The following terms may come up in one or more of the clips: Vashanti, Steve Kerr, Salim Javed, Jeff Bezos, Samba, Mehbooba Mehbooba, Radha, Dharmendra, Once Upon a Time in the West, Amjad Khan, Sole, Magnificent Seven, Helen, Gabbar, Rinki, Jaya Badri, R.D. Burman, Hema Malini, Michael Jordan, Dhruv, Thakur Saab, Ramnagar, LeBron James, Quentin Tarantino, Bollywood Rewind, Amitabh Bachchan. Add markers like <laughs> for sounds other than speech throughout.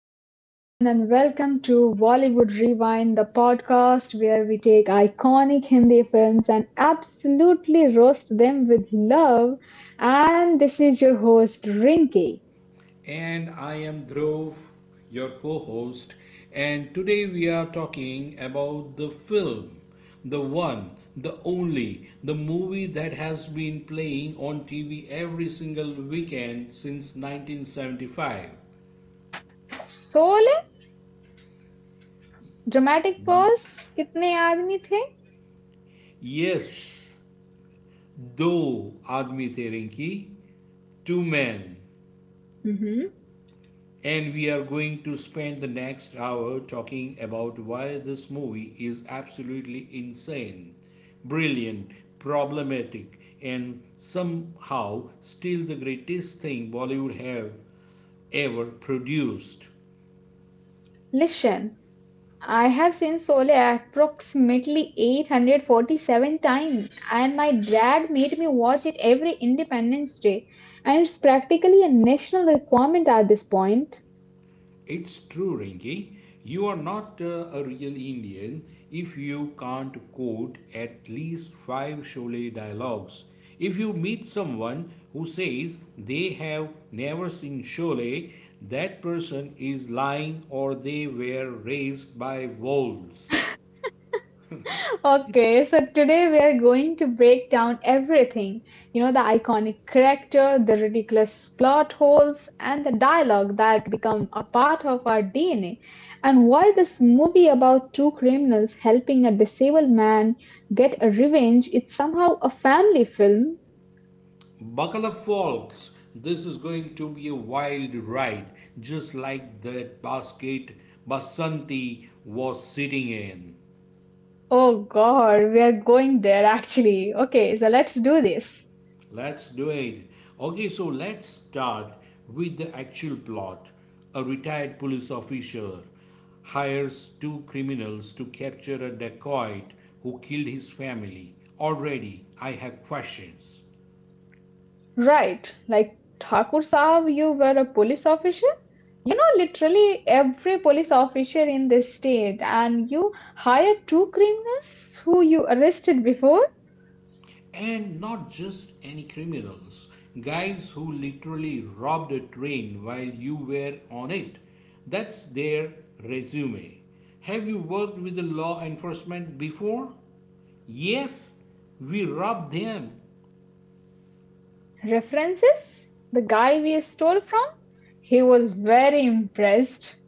everyone, and welcome to Bollywood Rewind, the podcast where we take iconic Hindi films and absolutely roast them with love. And this is your host, Rinki. And I am Dhruv, your co host. And today we are talking about the film, the one, the only, the movie that has been playing on TV every single weekend since 1975. Sole, dramatic pause, kitne aadmi the? Yes, दो आदमी थे रिंकी two man. Hmm. And we are going to spend the next hour talking about why this movie is absolutely insane, brilliant, problematic, and somehow still the greatest thing Bollywood have ever produced. Listen, I have seen Sole approximately 847 times, and my dad made me watch it every Independence Day, and it's practically a national requirement at this point. It's true, Rinki. You are not a real Indian if you can't quote at least five Sholay dialogues. If you meet someone who says they have never seen Sholay, that person is lying or they were raised by wolves. Okay, so today we are going to break down everything. You know, the iconic character, the ridiculous plot holes, and the dialogue that become a part of our DNA, and why this movie about two criminals helping a disabled man get a revenge is somehow a family film. Buckle up, folks. This is going to be a wild ride, just like that basket Basanti was sitting in. Oh god, we are going there actually. Okay, so let's do this. Let's do it. Okay, so let's start with the actual plot. A retired police officer hires two criminals to capture a dacoit who killed his family. Already, I have questions. Right, like Thakur Saab, you were a police officer? Literally every police officer in the state, and you hired two criminals who you arrested before. And not just any criminals, guys who literally robbed a train while you were on it. That's their resume. Have you worked with the law enforcement before? Yes, we rob them. References? The guy we stole from? He was very impressed.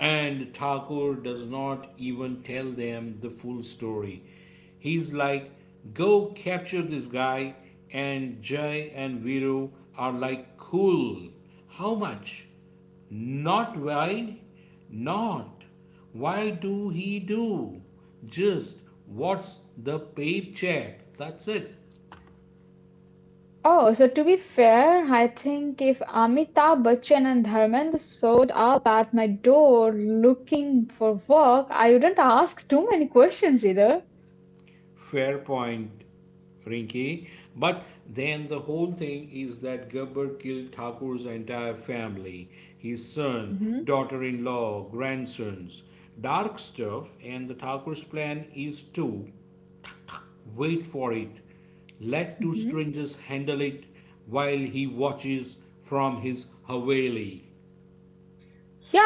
And Thakur does not even tell them the full story. He's like, go capture this guy, and Jay and Viru are like, cool. How much? Not why? Not. Why do he do? Just what's the paycheck? That's it. Oh, so to be fair, I think if Amitabh Bachchan and Dharmendra showed up at my door looking for work, I wouldn't ask too many questions either. Fair point, Rinki. But then the whole thing is that Gabbar killed Thakur's entire family, his son, Mhm, daughter in law, grandsons. Dark stuff, and the Thakur's plan is to wait for it. Let two mhm. strangers handle it while he watches from his Haveli.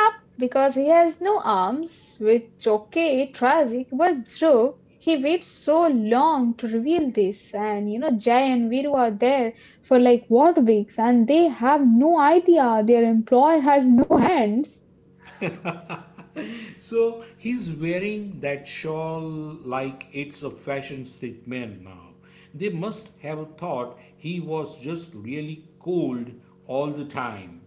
Yup, because he has no arms, which okay, tragic, but true, he waits so long to reveal this, and you know Jay and Viru are there for like what weeks, and they have no idea their employer has no hands. So he's wearing that shawl like it's a fashion statement now. They must have thought he was just really cold all the time.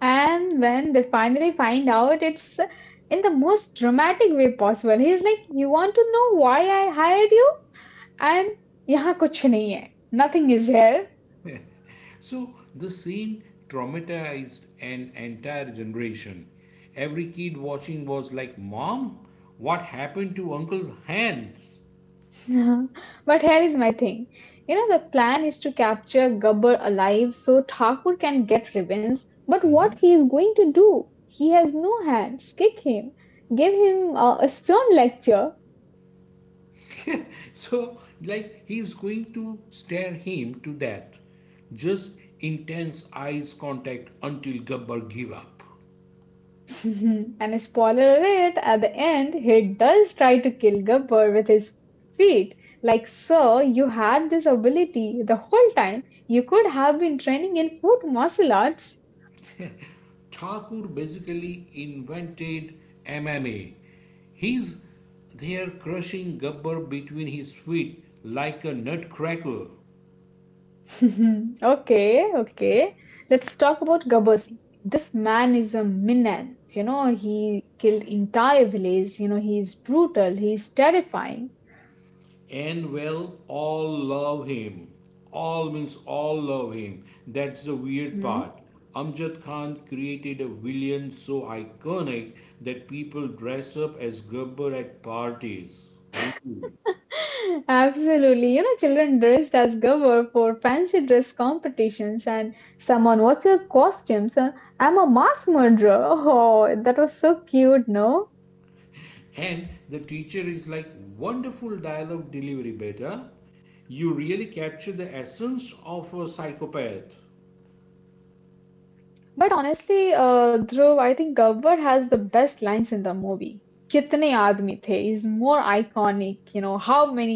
And when they finally find out, it's in the most dramatic way possible. He's like, "You want to know why I hired you?" And यहाँ कुछ नहीं है, nothing is here. So the scene traumatized an entire generation. Every kid watching was like, Mom, what happened to Uncle's hands? <laughs> <laughs> But here is my thing. You know, the plan is to capture Gabbar alive so Thakur can get revenge. But what he is going to do? He has no hands. Kick him. Give him a stern lecture. So, like, he's going to stare him to death. Just intense eyes contact until Gabbar give up. <laughs> And spoiler alert, at the end, he does try to kill Gabbar with his feet. Like, sir, you had this ability the whole time. You could have been training in foot martial arts. Thakur basically invented MMA. He's there crushing Gabbar between his feet like a nutcracker. <laughs> Okay, okay. Let's talk about Gabasi. This man is a menace. You know, he killed entire village. You know, he is brutal. He is terrifying. And well, all love him. All means all love him. That's the weird Hmm. part. Amjad Khan created a villain so iconic that people dress up as Gabbar at parties. Really. <laughs> Absolutely. You know, children dressed as Gabbar for fancy dress competitions and someone, what's your costumes? And I'm a mass murderer. <laughs> Oh, that was so cute, no? And the teacher is like, wonderful dialogue delivery, beta. You really capture the essence of a psychopath. But honestly, Dhruv, I think Gabbar has the best lines in the movie. Kitne aadmi the is more iconic, you know, how many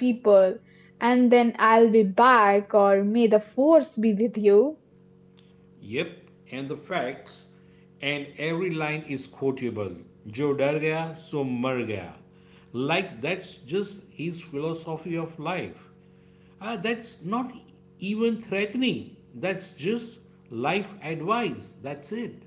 people, and then I'll be back or may the force be with you. Yep, and the facts. And every line is quotable. Jo dar gaya, so mar gaya. Like that's just his philosophy of life. Ah, that's not even threatening. That's just life advice. That's it.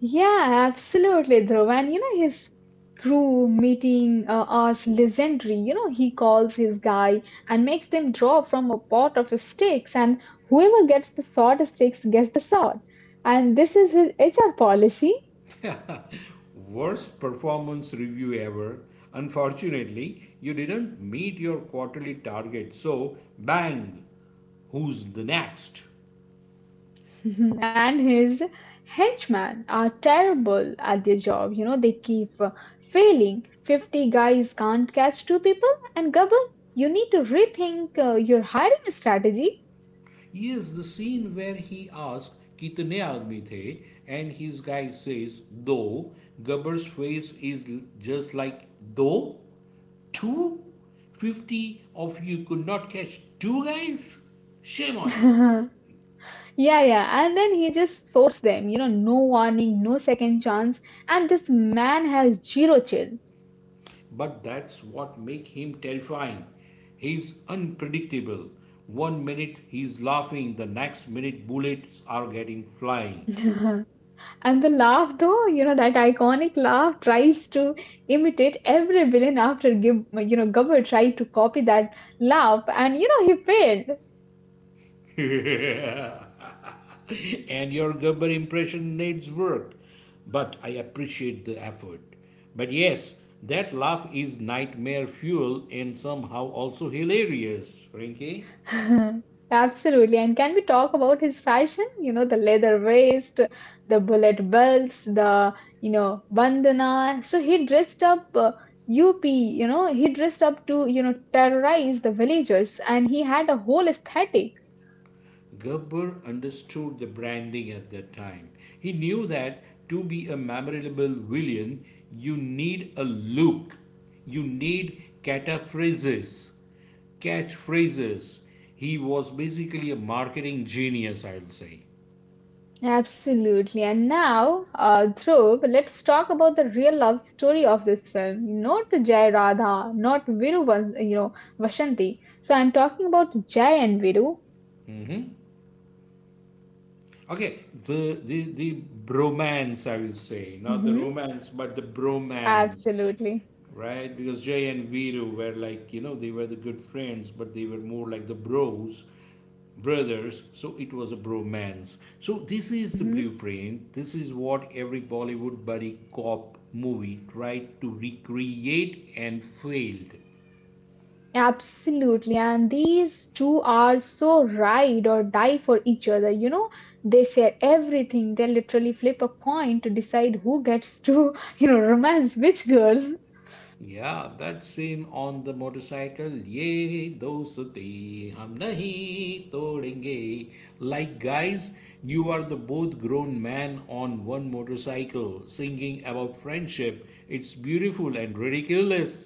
Yeah, absolutely, Dhruv. And you know, his crew meeting us legendary. You know, he calls his guy and makes them draw from a pot of sticks, and whoever gets the shortest sticks gets the sword. And this is his HR policy. <laughs> Worst performance review ever. Unfortunately, you didn't meet your quarterly target, so bang, who's the next? <laughs> And his henchmen are terrible at their job. You know, they keep failing. 50 guys can't catch two people. And Gabal, you need to rethink your hiring strategy. Yes, the scene where he asks कितने आदमी थे and his guy says दो. Gabbar's face is just like, दो, two, 50 of you could not catch two guys. Shame on you. <laughs> Yeah, yeah. And then he just sorts them. You know, no warning, no second chance. And this man has zero chill. But that's what makes him terrifying. He's unpredictable. One minute he's laughing, the next minute bullets are getting flying. <laughs> And the laugh, though, you know, that iconic laugh tries to imitate every villain after Gib, you know, Gabber tried to copy that laugh and, you know, he <laughs> And your Gerber impression needs work, but I appreciate the effort. But yes, that laugh is nightmare fuel and somehow also hilarious, Rinky. failed. <laughs> Absolutely. And can we talk about his fashion? You know, the leather waist, the bullet belts, the, you know, bandana. So he dressed up UP, you know, he dressed up to, you know, terrorize the villagers and he had a whole aesthetic. Gerber understood the branding at that time. He knew that to be a memorable villain, you need a look, you need catchphrases. He was basically a marketing genius, I will say. Absolutely. And now, Dhruv, let's talk about the real love story of this film. Not Jai Radha, not you know, Vashanti. So I'm talking about Jai and Viru. Mhm. Okay, the bromance, I will say, not the Hmm. romance, but the bromance. Absolutely. Right? Because Jay and Viru were like, you know, they were the good friends, but they were more like the bros, brothers. So it was a bromance. So this is the Hmm. blueprint. This is what every Bollywood buddy cop movie tried to recreate and failed. Absolutely. And these two are so ride or die for each other. You know, they share everything. They literally flip a coin to decide who gets to <laughs> romance which girl. Yeah, that scene on the motorcycle. Ye dosti hum nahi todenge. Like guys, you are the both grown man on one motorcycle singing about friendship. It's beautiful and ridiculous.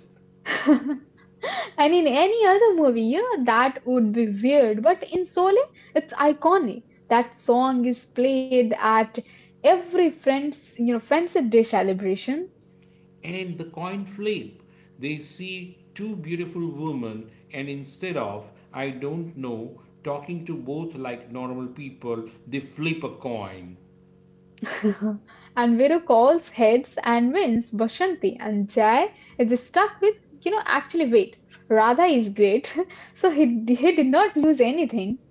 <laughs> And in any other movie, you know, that would be weird. But in Sole, it's iconic. That song is played at every friends, you know, friendship day celebration. And the coin flip. They see two beautiful women and instead of I don't know talking to both like normal people, they flip a coin. <laughs> And Viru calls heads and wins Bashanti. And Jai is stuck with, you know, actually, wait, Radha is great. <laughs> So he did not lose anything.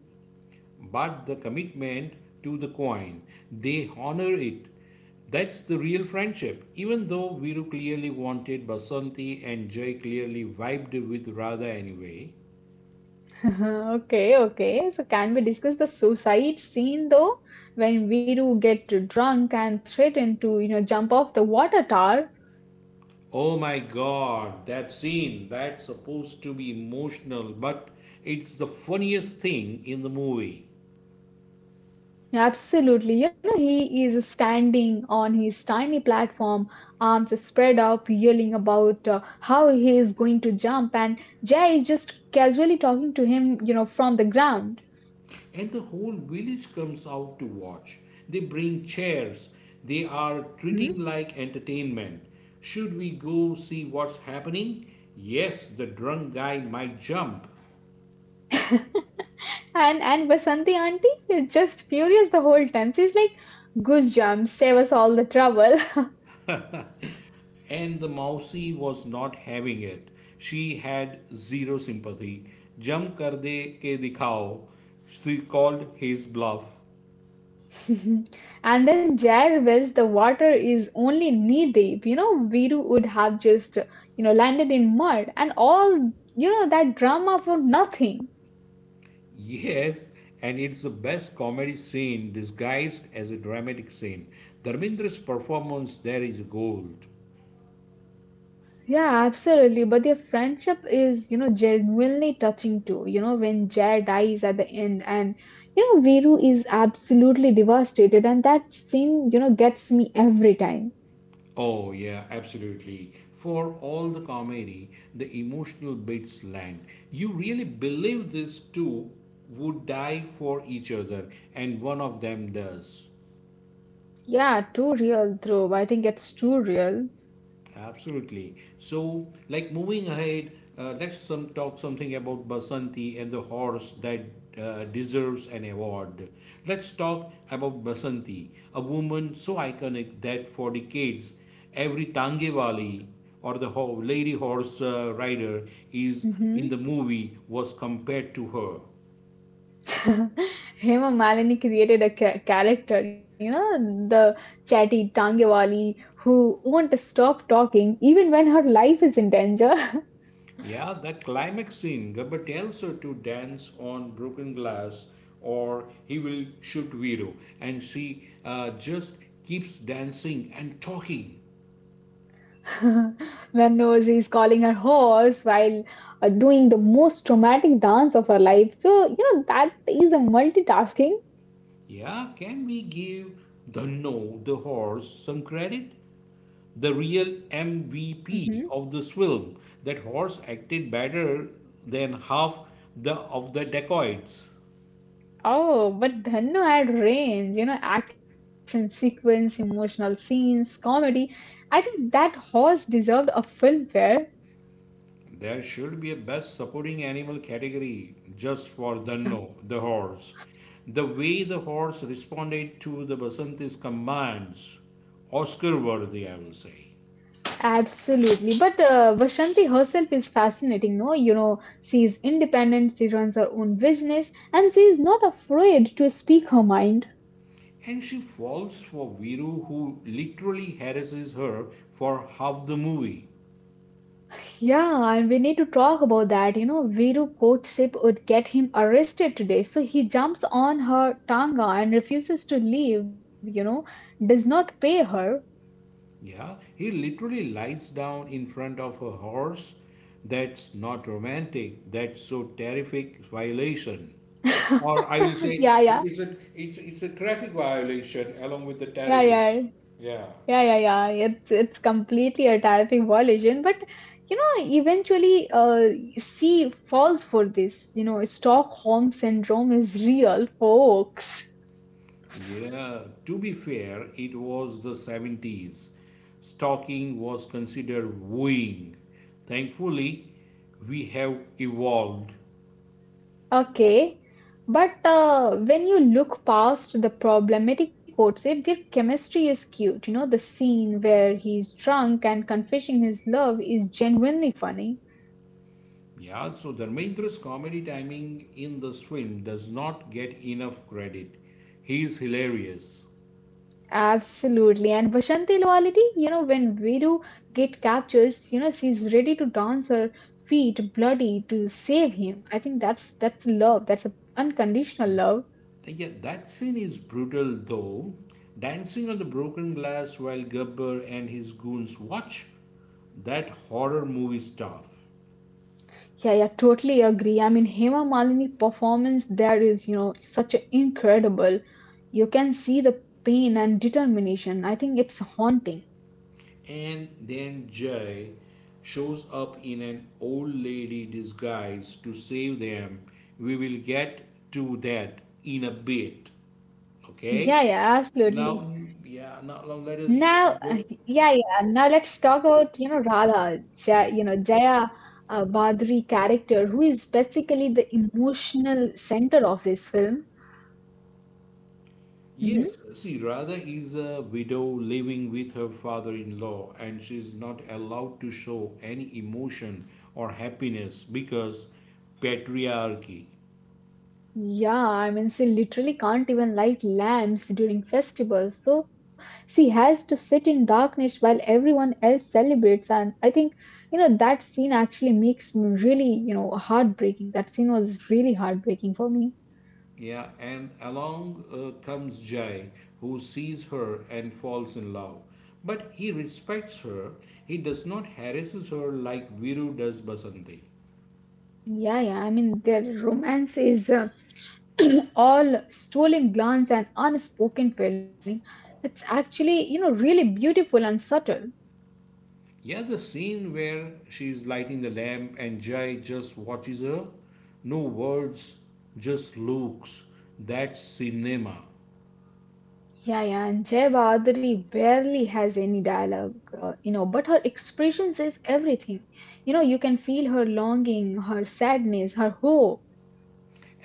But the commitment to the coin. They honor it. That's the real friendship. Even though Viru clearly wanted Basanti and Jay clearly vibed with Radha anyway. Uh-huh, okay, okay. So can we discuss the suicide scene though, when Viru get drunk and threaten to, you know, jump off the water tower? Oh my god, that scene, that's supposed to be emotional, but it's the funniest thing in the movie. Absolutely. You know, he is standing on his tiny platform, arms spread out, yelling about how he is going to jump, and Jay is just casually talking to him, you know, from the ground. And the whole village comes out to watch. They bring chairs. They are Hmm. treating like entertainment. Should we go see what's happening? Yes, the drunk guy might jump. <laughs> And Vasanti auntie is just furious the whole time. She's like, "Good jump, save us all the trouble." <laughs> And the mousey was not having it. She had zero sympathy. Jump kar de ke dikhao. She called his bluff. <laughs> And then Jair wells the water is only knee deep. You know, Viru would have just, you know, landed in mud and all, you know, that drama for nothing. Yes, and it's the best comedy scene disguised as a dramatic scene. Dharmendra's performance there is gold. Yeah, absolutely. But their friendship is, you know, genuinely touching too. You know, when Jair dies at the end and, you know, Viru is absolutely devastated and that scene, you know, gets me every time. Oh, yeah, absolutely. For all the comedy, the emotional bits land. You really believe these two would die for each other, and one of them does. Yeah, too real, though. I think it's too real. Absolutely. So, like moving ahead, let's some talk something about Basanti and the horse that deserves an award. Let's talk Hmm. about Basanti, a woman so iconic that for decades, every Tangewali or the lady horse rider is in Hmm. the movie was compared to her. <laughs> Hema Malini created a character, you know, the chatty Tangewali who won't stop talking even when her life is in danger. Yeah, that climax scene, Gabba tells her to dance on broken glass or he will shoot Viro. And she just keeps dancing and talking. <laughs> When Nozi is calling her horse while doing the most traumatic dance of her life. So, you know, that is a multitasking. Yeah, can we give Dhanno, the horse, some credit? The real MVP Mhm. of this film. That horse acted better than half the of the dacoits. Oh, but Dhanno had range, you know, action sequence, emotional scenes, comedy. I think that horse deserved a filmfare. There should be a best supporting animal category just for Danno, the horse. The way the horse responded to the Basanti's commands, Oscar worthy, I will say. Absolutely. But Vashanti herself is fascinating, no? You know, she is independent, she runs her own business, and she is not afraid to speak her mind. And she falls for Viru, who literally harasses her for half the movie. Yeah, and we need to talk about that. You know, Viru courtship would get him arrested today, so he jumps on her tanga and refuses to leave, you know, does not pay her. Yeah, he literally lies down in front of a horse. That's not romantic. That's so terrific violation. <laughs> Or I will say Yeah, yeah, it's a traffic violation along with the yeah, terrific. yeah. Yeah. Yeah, yeah, yeah. It's completely a type violation, but you know, eventually, she falls for this. You know, Stockholm syndrome is real, folks. Yeah. To be fair, it was the 70s. Stalking was considered wooing. Thankfully, we have evolved. Okay, but when you look past the problematic courtship, their chemistry is cute. You know, the scene where he's drunk and confessing his love is genuinely funny. Yeah, so Dharmendra's comedy timing in The Swim does not get enough credit. He is hilarious. Absolutely. And Vashanti Loyalty, you know, when Viru get captured, you know, she's ready to dance her feet bloody to save him. I think that's love. That's a unconditional love. Yeah, that scene is brutal though. Dancing on the broken glass while Gabbar and his goons watch that horror movie stuff. Yeah, yeah, totally agree. I mean, Hema Malini performance there is, you know, such a incredible. You can see the pain and determination. I think it's haunting. And then Jay shows up in an old lady disguise to save them. We will get to that in a bit. Okay? Yeah, yeah, absolutely. Now, yeah, now let us bring Now, go. Yeah. Now let's talk about, you know, Radha, Jaya, you know, Jaya Badri character, who is basically the emotional center of this film. Hmm. Yes, see, Radha is a widow living with her father-in-law, and she's not allowed to show any emotion or happiness because patriarchy. Yeah, I mean, she literally can't even light lamps during festivals, so she has to sit in darkness while everyone else celebrates. And I think, you know, that scene actually makes me really, you know, heartbreaking. That scene was really heartbreaking for me. Yeah, and along comes Jai, who sees her and falls in love. But he respects her. He does not harasses her like Viru does Basanti. Yeah, yeah. I mean, their romance is. <clears throat> All stolen glance and unspoken feeling. It's actually you know really beautiful and subtle. Yeah, the scene where she's lighting the lamp and Jai just watches her. No words, just looks. That's cinema. Yeah, yeah, and jay bahaduri barely has any dialogue you know but her expression says everything. You know you can feel her longing her sadness her hope.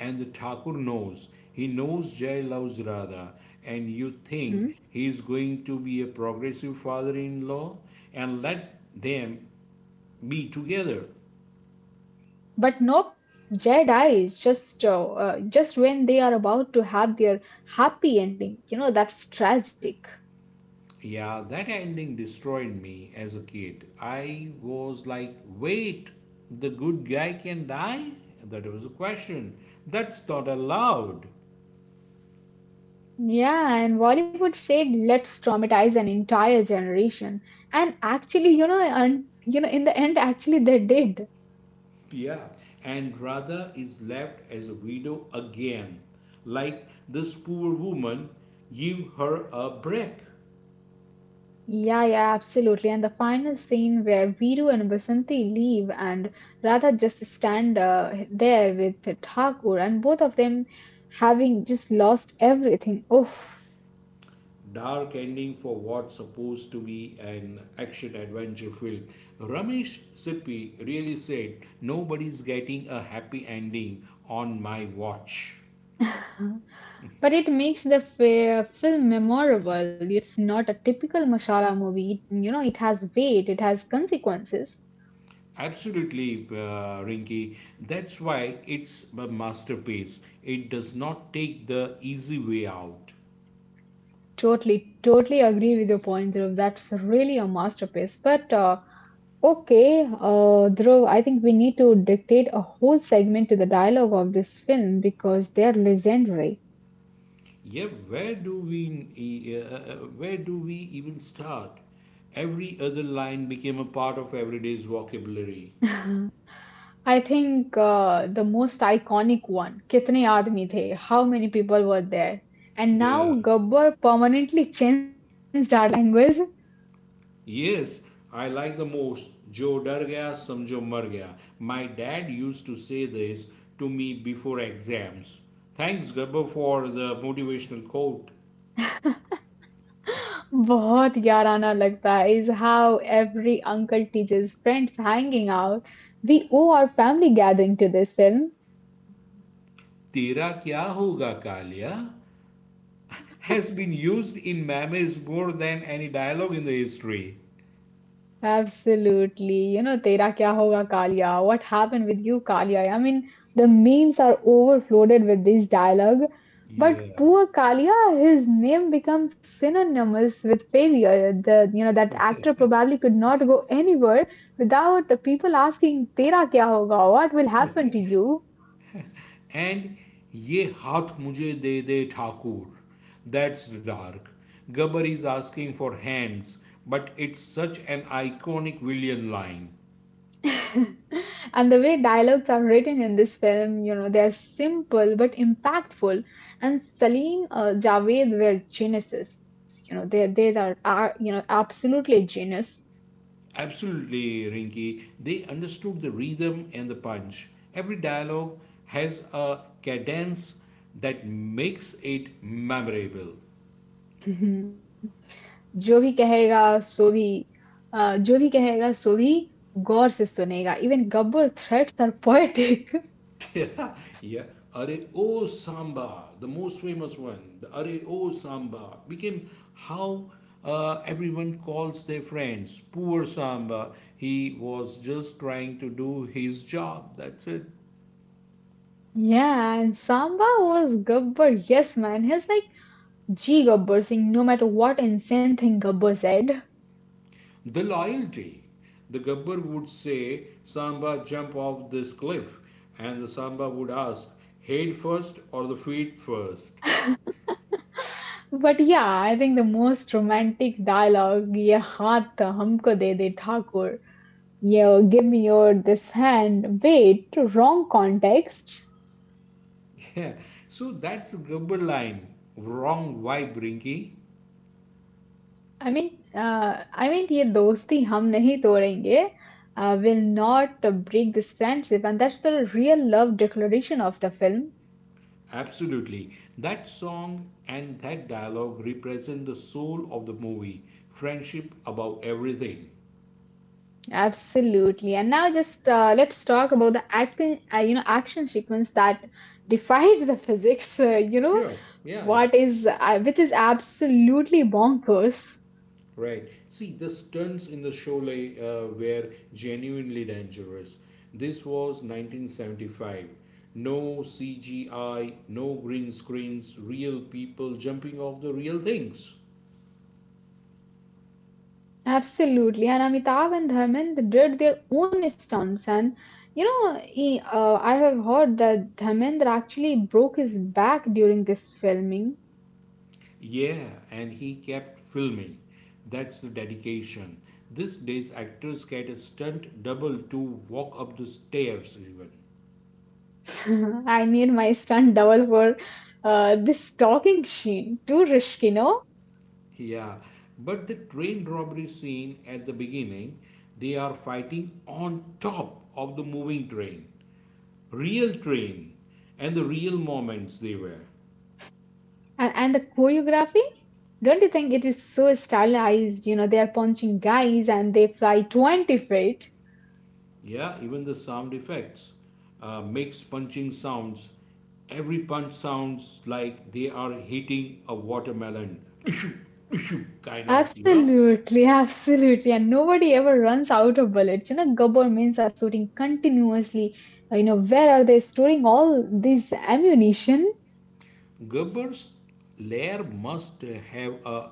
And the Thakur knows. He knows Jai loves Radha. And you think Mhm. he's going to be a progressive father in law and let them be together. But nope, jay dies just when they are about to have their happy ending you know that's tragic. Yeah, that ending destroyed me as a kid. I was like, wait, the good guy can die? That was a question. That's not allowed. Yeah, and Bollywood said, let's traumatize an entire generation. And actually, you know, and you know, in the end, actually they did. Yeah. And Radha is left as a widow again. Like this poor woman, give her a break. Yeah, yeah, absolutely. And the final scene where Viru and Basanti leave and Radha just stand there with Thakur and both of them having just lost everything. Oof. Dark ending for what's supposed to be an action adventure film. Ramesh Sippy really said, nobody's getting a happy ending on my watch. But it makes the film memorable. It's not a typical masala movie. It, you know, it has weight, it has consequences. Absolutely, Rinky. That's why it's a masterpiece. It does not take the easy way out. Totally, totally agree with your point, Dhruv. That's really a masterpiece. But okay, Dhruv, I think we need to dictate a whole segment to the dialogue of this film because they're legendary. <laughs> Yeah, where do we even start? Every other line became a part of everyday's vocabulary. I think the most iconic one, Kitne Aadmi The, how many people were there? And Yeah. now Gabbar permanently changed our language. Yes, I like the most. Jo dar gaya, samjho mar gaya. My dad used to say this to me before exams. Thanks, Gabba, for the motivational quote. बहुत याराना लगता है is how every uncle teaches friends hanging out. We owe our family gathering to this film. Tera kya hoga kalia has been used in memes more than any dialogue in the history. Absolutely. You know, Tera Kya Hoga Kalia. What happened with you, Kalia? I mean, the memes are overflooded with this dialogue. But Yeah. poor Kalia, his name becomes synonymous with failure. The you know that actor probably could not go anywhere without people asking Tera Kya Hoga. What will happen to you? And ye haath mujhe de de Thakur. That's dark. Gabbar is asking for hands, but it's such an iconic villain line. <laughs> And the way dialogues are written in this film, you know, they're simple but impactful. And Salim Javed were geniuses. You know, they are, you know absolutely genius. Absolutely, Rinky. They understood the rhythm and the punch. Every dialogue has a cadence that makes it memorable. <laughs> जो भी कहेगा सो भी जो भी कहेगा सो भी गौर से सुनेगा even Gabbar threats are poetic <laughs> <laughs> Yeah. Are E O Samba, the most famous one, the Are E O Samba, became how everyone calls their friends. Poor Samba. He was just trying to do his job. That's it. Yeah, and Samba was Gabbar. Yes, man. He's like G Gabbar Singh, no matter what insane thing Gabbar said. The loyalty. The Gabbar would say, Samba, jump off this cliff. And the Samba would ask, head first or the feet first? But yeah, I think the most romantic dialogue, ye haath humko de de Thakur, yo give me your this hand. Wait, wrong context. <laughs> Yeah, so that's the Gabbar line. Wrong vibe, Rinky. I mean, ye dosti hum nahi todenge. Will not break this friendship, and that's the real love declaration of the film. Absolutely. That song and that dialogue represent the soul of the movie friendship above everything. Absolutely. And now, just let's talk about the action, action sequence that defied the physics. <laughs> Uh, you know, Sure. Yeah, yeah. what is I- which is absolutely bonkers. Right. See, the stunts in the show like, were genuinely dangerous. This was 1975. No CGI, no green screens, real people jumping off the real things. Absolutely, and Amitabh and Dharmendra did their own stunts, and you know, I have heard that Dharmendra actually broke his back during this filming. Yeah, and he kept filming. That's the dedication. These days, actors get a stunt double to walk up the stairs, even. <laughs> I need my stunt double for this talking sheen. Too risky, no? Yeah, but the train robbery scene at the beginning, they are fighting on top of the moving train, real train, and the real moments they were. And the choreography, don't you think it is so stylized? You know, they are punching guys and they fly 20 feet. Yeah, even the sound effects makes punching sounds. Every punch sounds like they are hitting a watermelon. Kind of, Absolutely, absolutely. And nobody ever runs out of bullets. You know, governments are storing continuously. You know, where are they storing all this ammunition? Gerber's lair must have a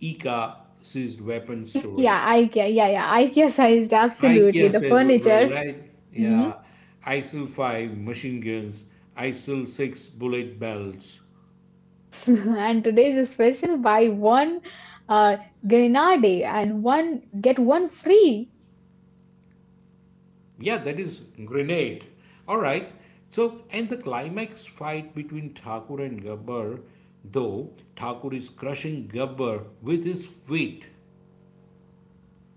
Ika sized weapon IKEA, storage. IKEA, yeah, yeah, IKEA sized, absolutely. IKEA The says Weber, furniture. right? Mhm. Yeah. ISIL 5 machine guns, ISIL 6 bullet belts. <laughs> And today's a special, buy one uh, grenade and one, get one free. Yeah, that is grenade. All right. So, and the climax fight between Thakur and Gabbar, though Thakur is crushing Gabbar with his feet.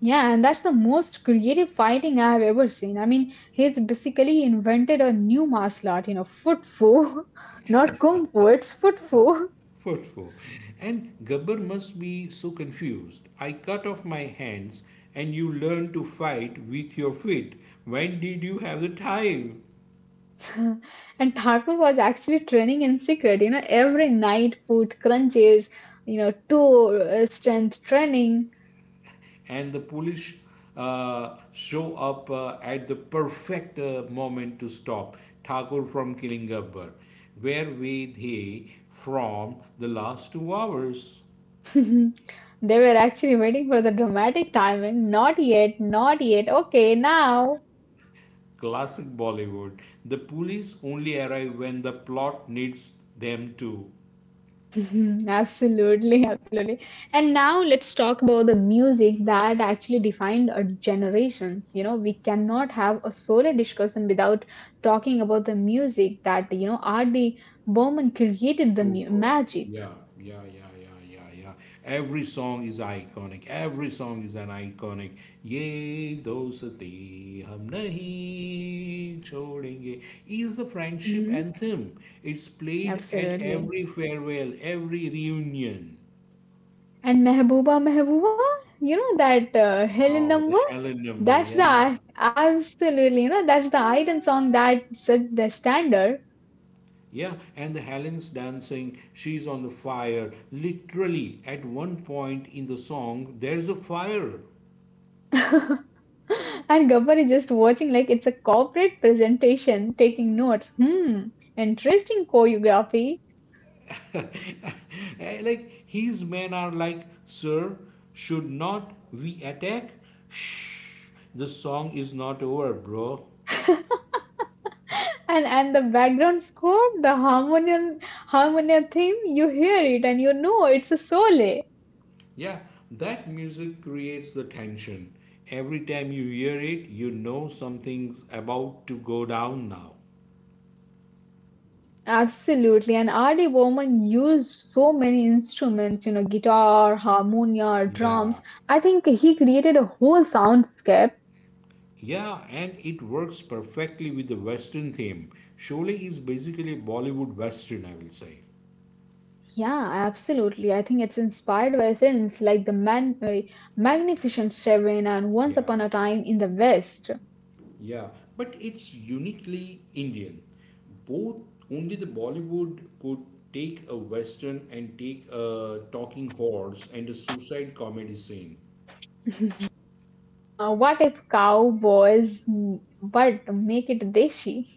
Yeah, and that's the most creative fighting I've ever seen. I mean, he's basically invented a new martial art, you know, foot foo, <laughs> not kung fu, it's foot foo. For four. And Gabbar must be so confused. I cut off my hands and you learn to fight with your feet. When did you have the time? <laughs> And Thakur was actually training in secret, you know, every night, foot crunches, you know, toe strength training. <laughs> And the police show up at the perfect moment to stop Thakur from killing a bird. Where were they from the last 2 hours? They were actually waiting for the dramatic timing. Not yet, not yet. Okay, now. Classic Bollywood. The police only arrive when the plot needs them to. <laughs> Absolutely. And now let's talk about the music that actually defined our generations. You know, we cannot have a solo discussion without talking about the music that, you know, R.D. Burman created the mu- Super. magic. Yeah, yeah, yeah, yeah, yeah, yeah. Every song is iconic. Every song is an iconic. Ye dosti hum nahi chodenge is the friendship Hmm. anthem. It's played at Absolutely. every farewell, every reunion. And Mehbooba Mehbooba, you know, that Helen Wow, the number, Helen number, yeah. Absolutely, you know, that's the item song that set the standard. Yeah, and the Helen's dancing, she's on the fire. Literally, at one point in the song, there's a fire. <laughs> And Gabbar is just watching like it's a corporate presentation, taking notes. Hmm, interesting choreography. <laughs> Like his men are like, sir, should not we attack? Shh, the song is not over, bro. And the background score, the harmonium theme, you hear it and you know it's a sole. Yeah, that music creates the tension. Every time you hear it, you know something's about to go down now. Absolutely. And R.D. Bowman used so many instruments, you know, guitar, harmonia, Yeah. drums. I think he created a whole soundscape. Yeah, and it works perfectly with the Western theme. Sholay is basically a Bollywood Western, I will say. Yeah, absolutely. I think it's inspired by films like The Man Magnificent Seven and Once Yeah. Upon a Time in the West. Yeah, but it's uniquely Indian. Both only the Bollywood could take a western and take a talking horse and a suicide comedy scene. <laughs> What if cowboys, but make it deshi?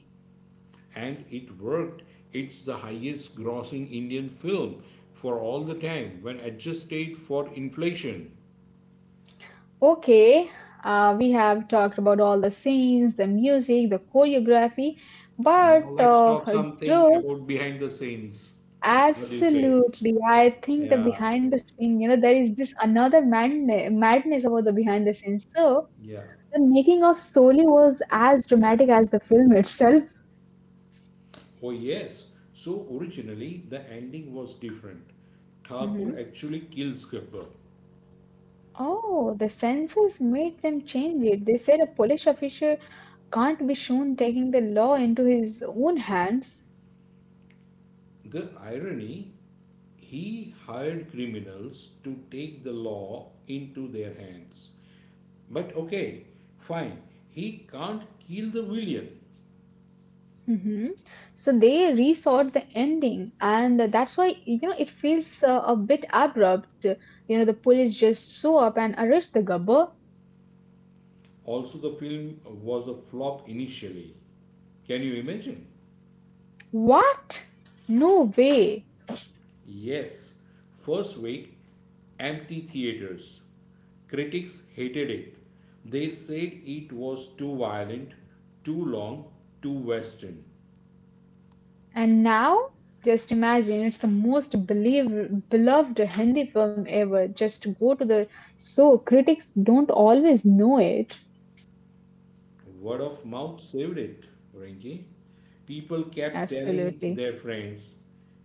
And it worked. It's the highest grossing Indian film for all the time when adjusted for inflation. Okay, we have talked about all the scenes, the music, the choreography, but Now let's talk something Dhruv, about behind the scenes. What do you say? absolutely, I think the Yeah, behind the scene, you know, there is this another madness about the behind the scenes. So, yeah. the making of Soli was as dramatic as the film itself. Oh, yes. So originally the ending was different. Thakur Hmm. actually kills Gabbar. Oh, the censors made them change it. They said a Polish official can't be shown taking the law into his own hands. The irony he hired criminals to take the law into their hands. But okay, fine. He can't kill the villain. Hmm. So they resought the ending, and that's why you know it feels a bit abrupt. You know, the police just show up and arrest the gubber. Also, the film was a flop initially. Can you imagine? What? No way. Yes, first week, empty theaters. Critics hated it. They said it was too violent, too long, too Western. And now, just imagine, it's the most beloved Hindi film ever. Just go to the so critics don't always know it. Word of mouth saved it, Rinki. People kept telling Absolutely. their friends,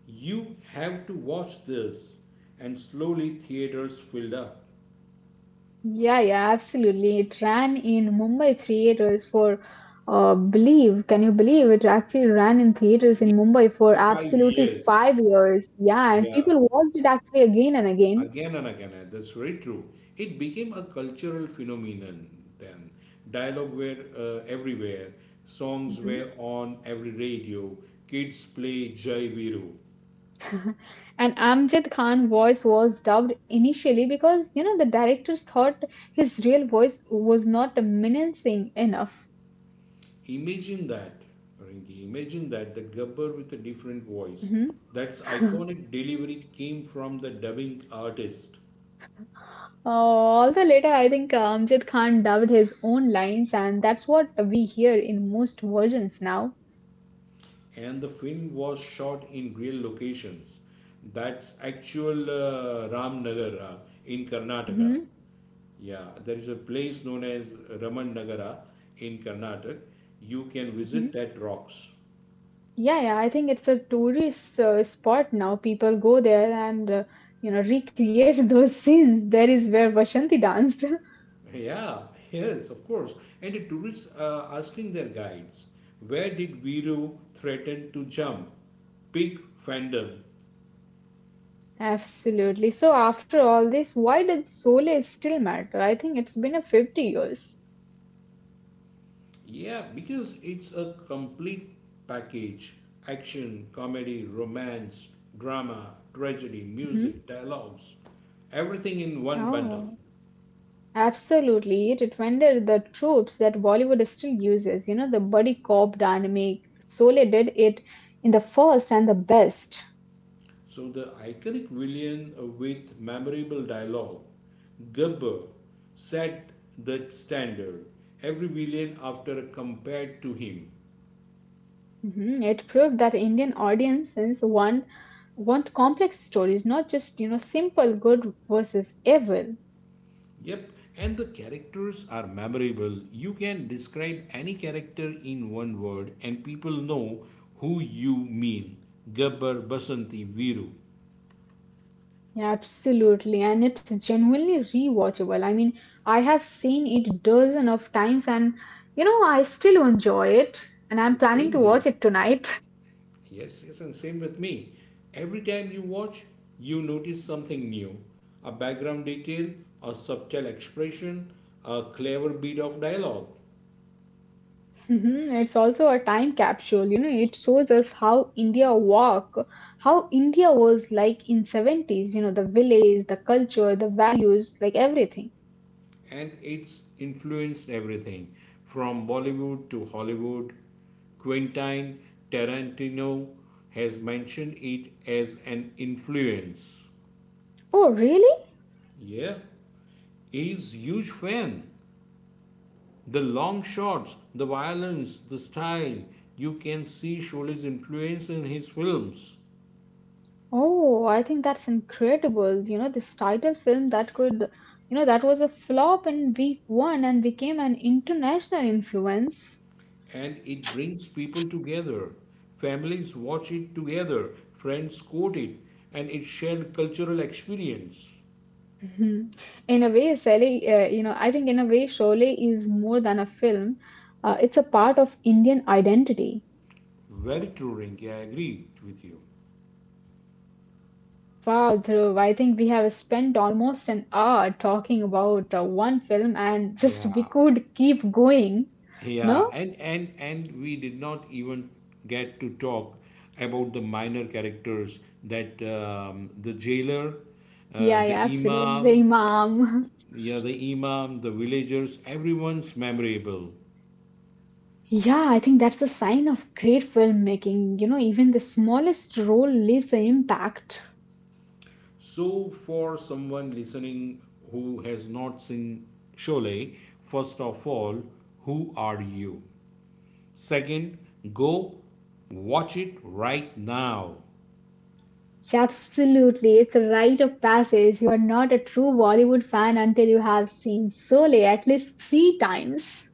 you have to watch this. And slowly theaters filled up. Yeah, yeah, absolutely. It ran in Mumbai theaters for, can you believe it actually ran in theaters Yeah, in Mumbai for for five absolutely years. 5 years. Yeah, and Yeah. people watched it actually again and again. Again and again, that's very true. It became a cultural phenomenon then. Dialogue were everywhere, songs were on every radio, kids play Jai Viru. <laughs> And Amjad Khan voice was dubbed initially because you know the directors thought his real voice was not menacing enough. Imagine that, Rinki, imagine that, the gabbar with a different voice. Mhm. That's <laughs> iconic delivery came from the dubbing artist, Although later, I think Amjad Khan dubbed his own lines, and that's what we hear in most versions now. and the film was shot in real locations. That's actual Ramnagar in Karnataka. Hmm. Yeah, there is a place known as Raman Nagara in Karnataka. You can Hmm. visit that rocks. <laughs> Yeah, yeah, I think it's a tourist spot now. People go there and recreate <laughs> those scenes. There is where Vashanti danced. <laughs> Yeah, yes, of course. And the tourists are asking their guides, where did Viru threaten to jump? Big fandom. Absolutely. So, after all this, why did Sole still matter? I think it's been a 50 years. Yeah, because it's a complete package. Action, comedy, romance, drama, tragedy, Hmm. music, dialogues. Everything in one bundle. Oh, absolutely. It defended the tropes that Bollywood still uses. You know, the buddy cop dynamic. Sole did it in the first and the best. So the iconic villain with memorable dialogue, Gubber, set the standard. Every villain after compared to him. Hmm. It proved that Indian audiences want complex stories, not just, you know, simple good versus evil. Yep, and the characters are memorable. You can describe any character in one word and people know who you mean. Gubber, Basanti, Viru. Yeah, absolutely. And it's genuinely rewatchable. I mean, I have seen it dozen of times, and you know, I still enjoy it, and I'm The planning same to watch here. it tonight. <laughs> Yes, yes, and same with me. Every time you watch, you notice something new, a background detail, a subtle expression, a clever bit of dialogue. Mhm. It's also a time capsule. You know, it shows us how India was like in 70s, you know, the village, the culture, the values, like everything. And it's influenced everything from Bollywood to Hollywood. Quentin Tarantino has mentioned it as an influence. Oh, really? Yeah, he's huge fan. The long shots, the violence, the style, you can see Shole's influence in his films. Oh, I think that's incredible. You know, this title film that could, you know, that was a flop in week one and became an international influence. <laughs> And it brings people together. Families watch it together, friends quote it, and it's shared cultural experience. Mhm. In a way, Sally, I think in a way, Sholay is more than a film. It's a part of Indian identity. Very true, Rinki, I agree with you. Wow, Dhruv, I think we have spent almost an hour talking about one film, and <laughs> just we Yeah, could keep going. yeah, No? and we did not even get to talk about the minor characters, that the jailer, Yeah, the yeah, absolutely. The imam, Imam. <laughs> yeah, the imam, the villagers, everyone's memorable. Yeah, I think that's a sign of great filmmaking. You know, even the smallest role leaves an impact. So, for someone listening who has not seen Sholay, first of all, who are you? Second, go watch it right now. Absolutely, it's a rite of passage. You are not a true Bollywood fan until you have seen Sole at least three times.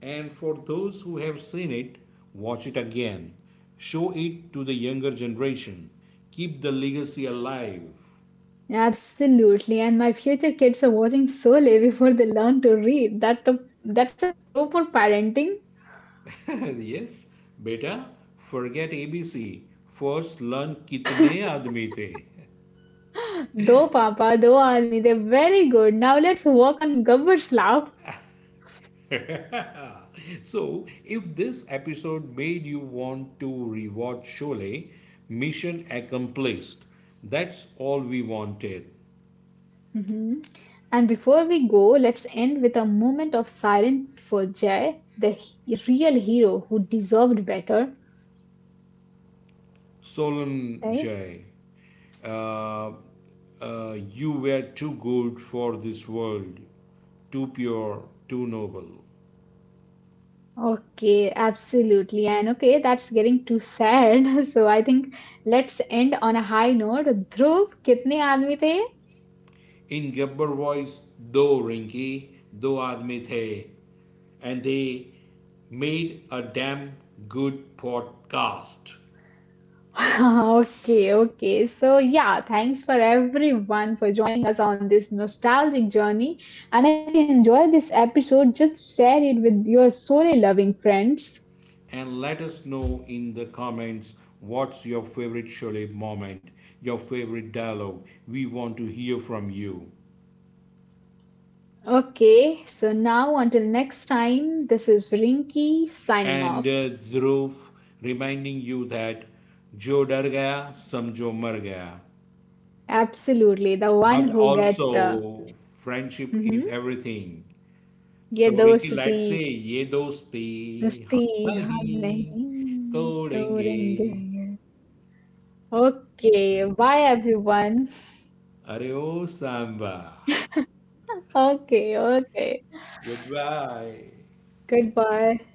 And for those who have seen it, watch it again. Show it to the younger generation. Keep the legacy alive. Absolutely, and my future kids are watching Sole before they learn to read. That's a proper parenting. <laughs> Yes, beta, forget abc, first learn kitne aadmi the. Though Papa, though Army, they're very good. Now let's work on Gabbar's laugh. <laughs> So, if this episode made you want to rewatch Sholay, mission accomplished. That's all we wanted. Mhm. And before we go, let's end with a moment of silence for Jay, the real hero who deserved better, Solan, right? jay, uh, uh, you were too good for this world, too pure, too noble. Okay, absolutely. And okay, that's getting too sad. <laughs> So I think let's end on a high note. Dhruv, कितने आदमी थे? In gabber voice, though Rinky, दो आदमी the, and they made a damn good podcast. <laughs> Okay, okay. So yeah, thanks for everyone for joining us on this nostalgic journey. And if you enjoyed this episode, just share it with your story loving friends. And let us know in the comments what's your favorite Sholay moment, your favorite dialogue. We want to hear from you. Okay, so now until next time, this is Rinky signing And off. Dhruv reminding you that jo डर गया समझो मर गया. Absolutely, the one But who get also, friendship is mm-hmm, everything. ये So, Rinki, दोस्ती let's say ये दोस्ती दोस्ती हम हम नहीं नहीं तोड़ेंगे. तोड़ेंगे. <laughs> Okay, bye everyone. अरे ओ Samba, <laughs> Okay, okay, good bye. goodbye.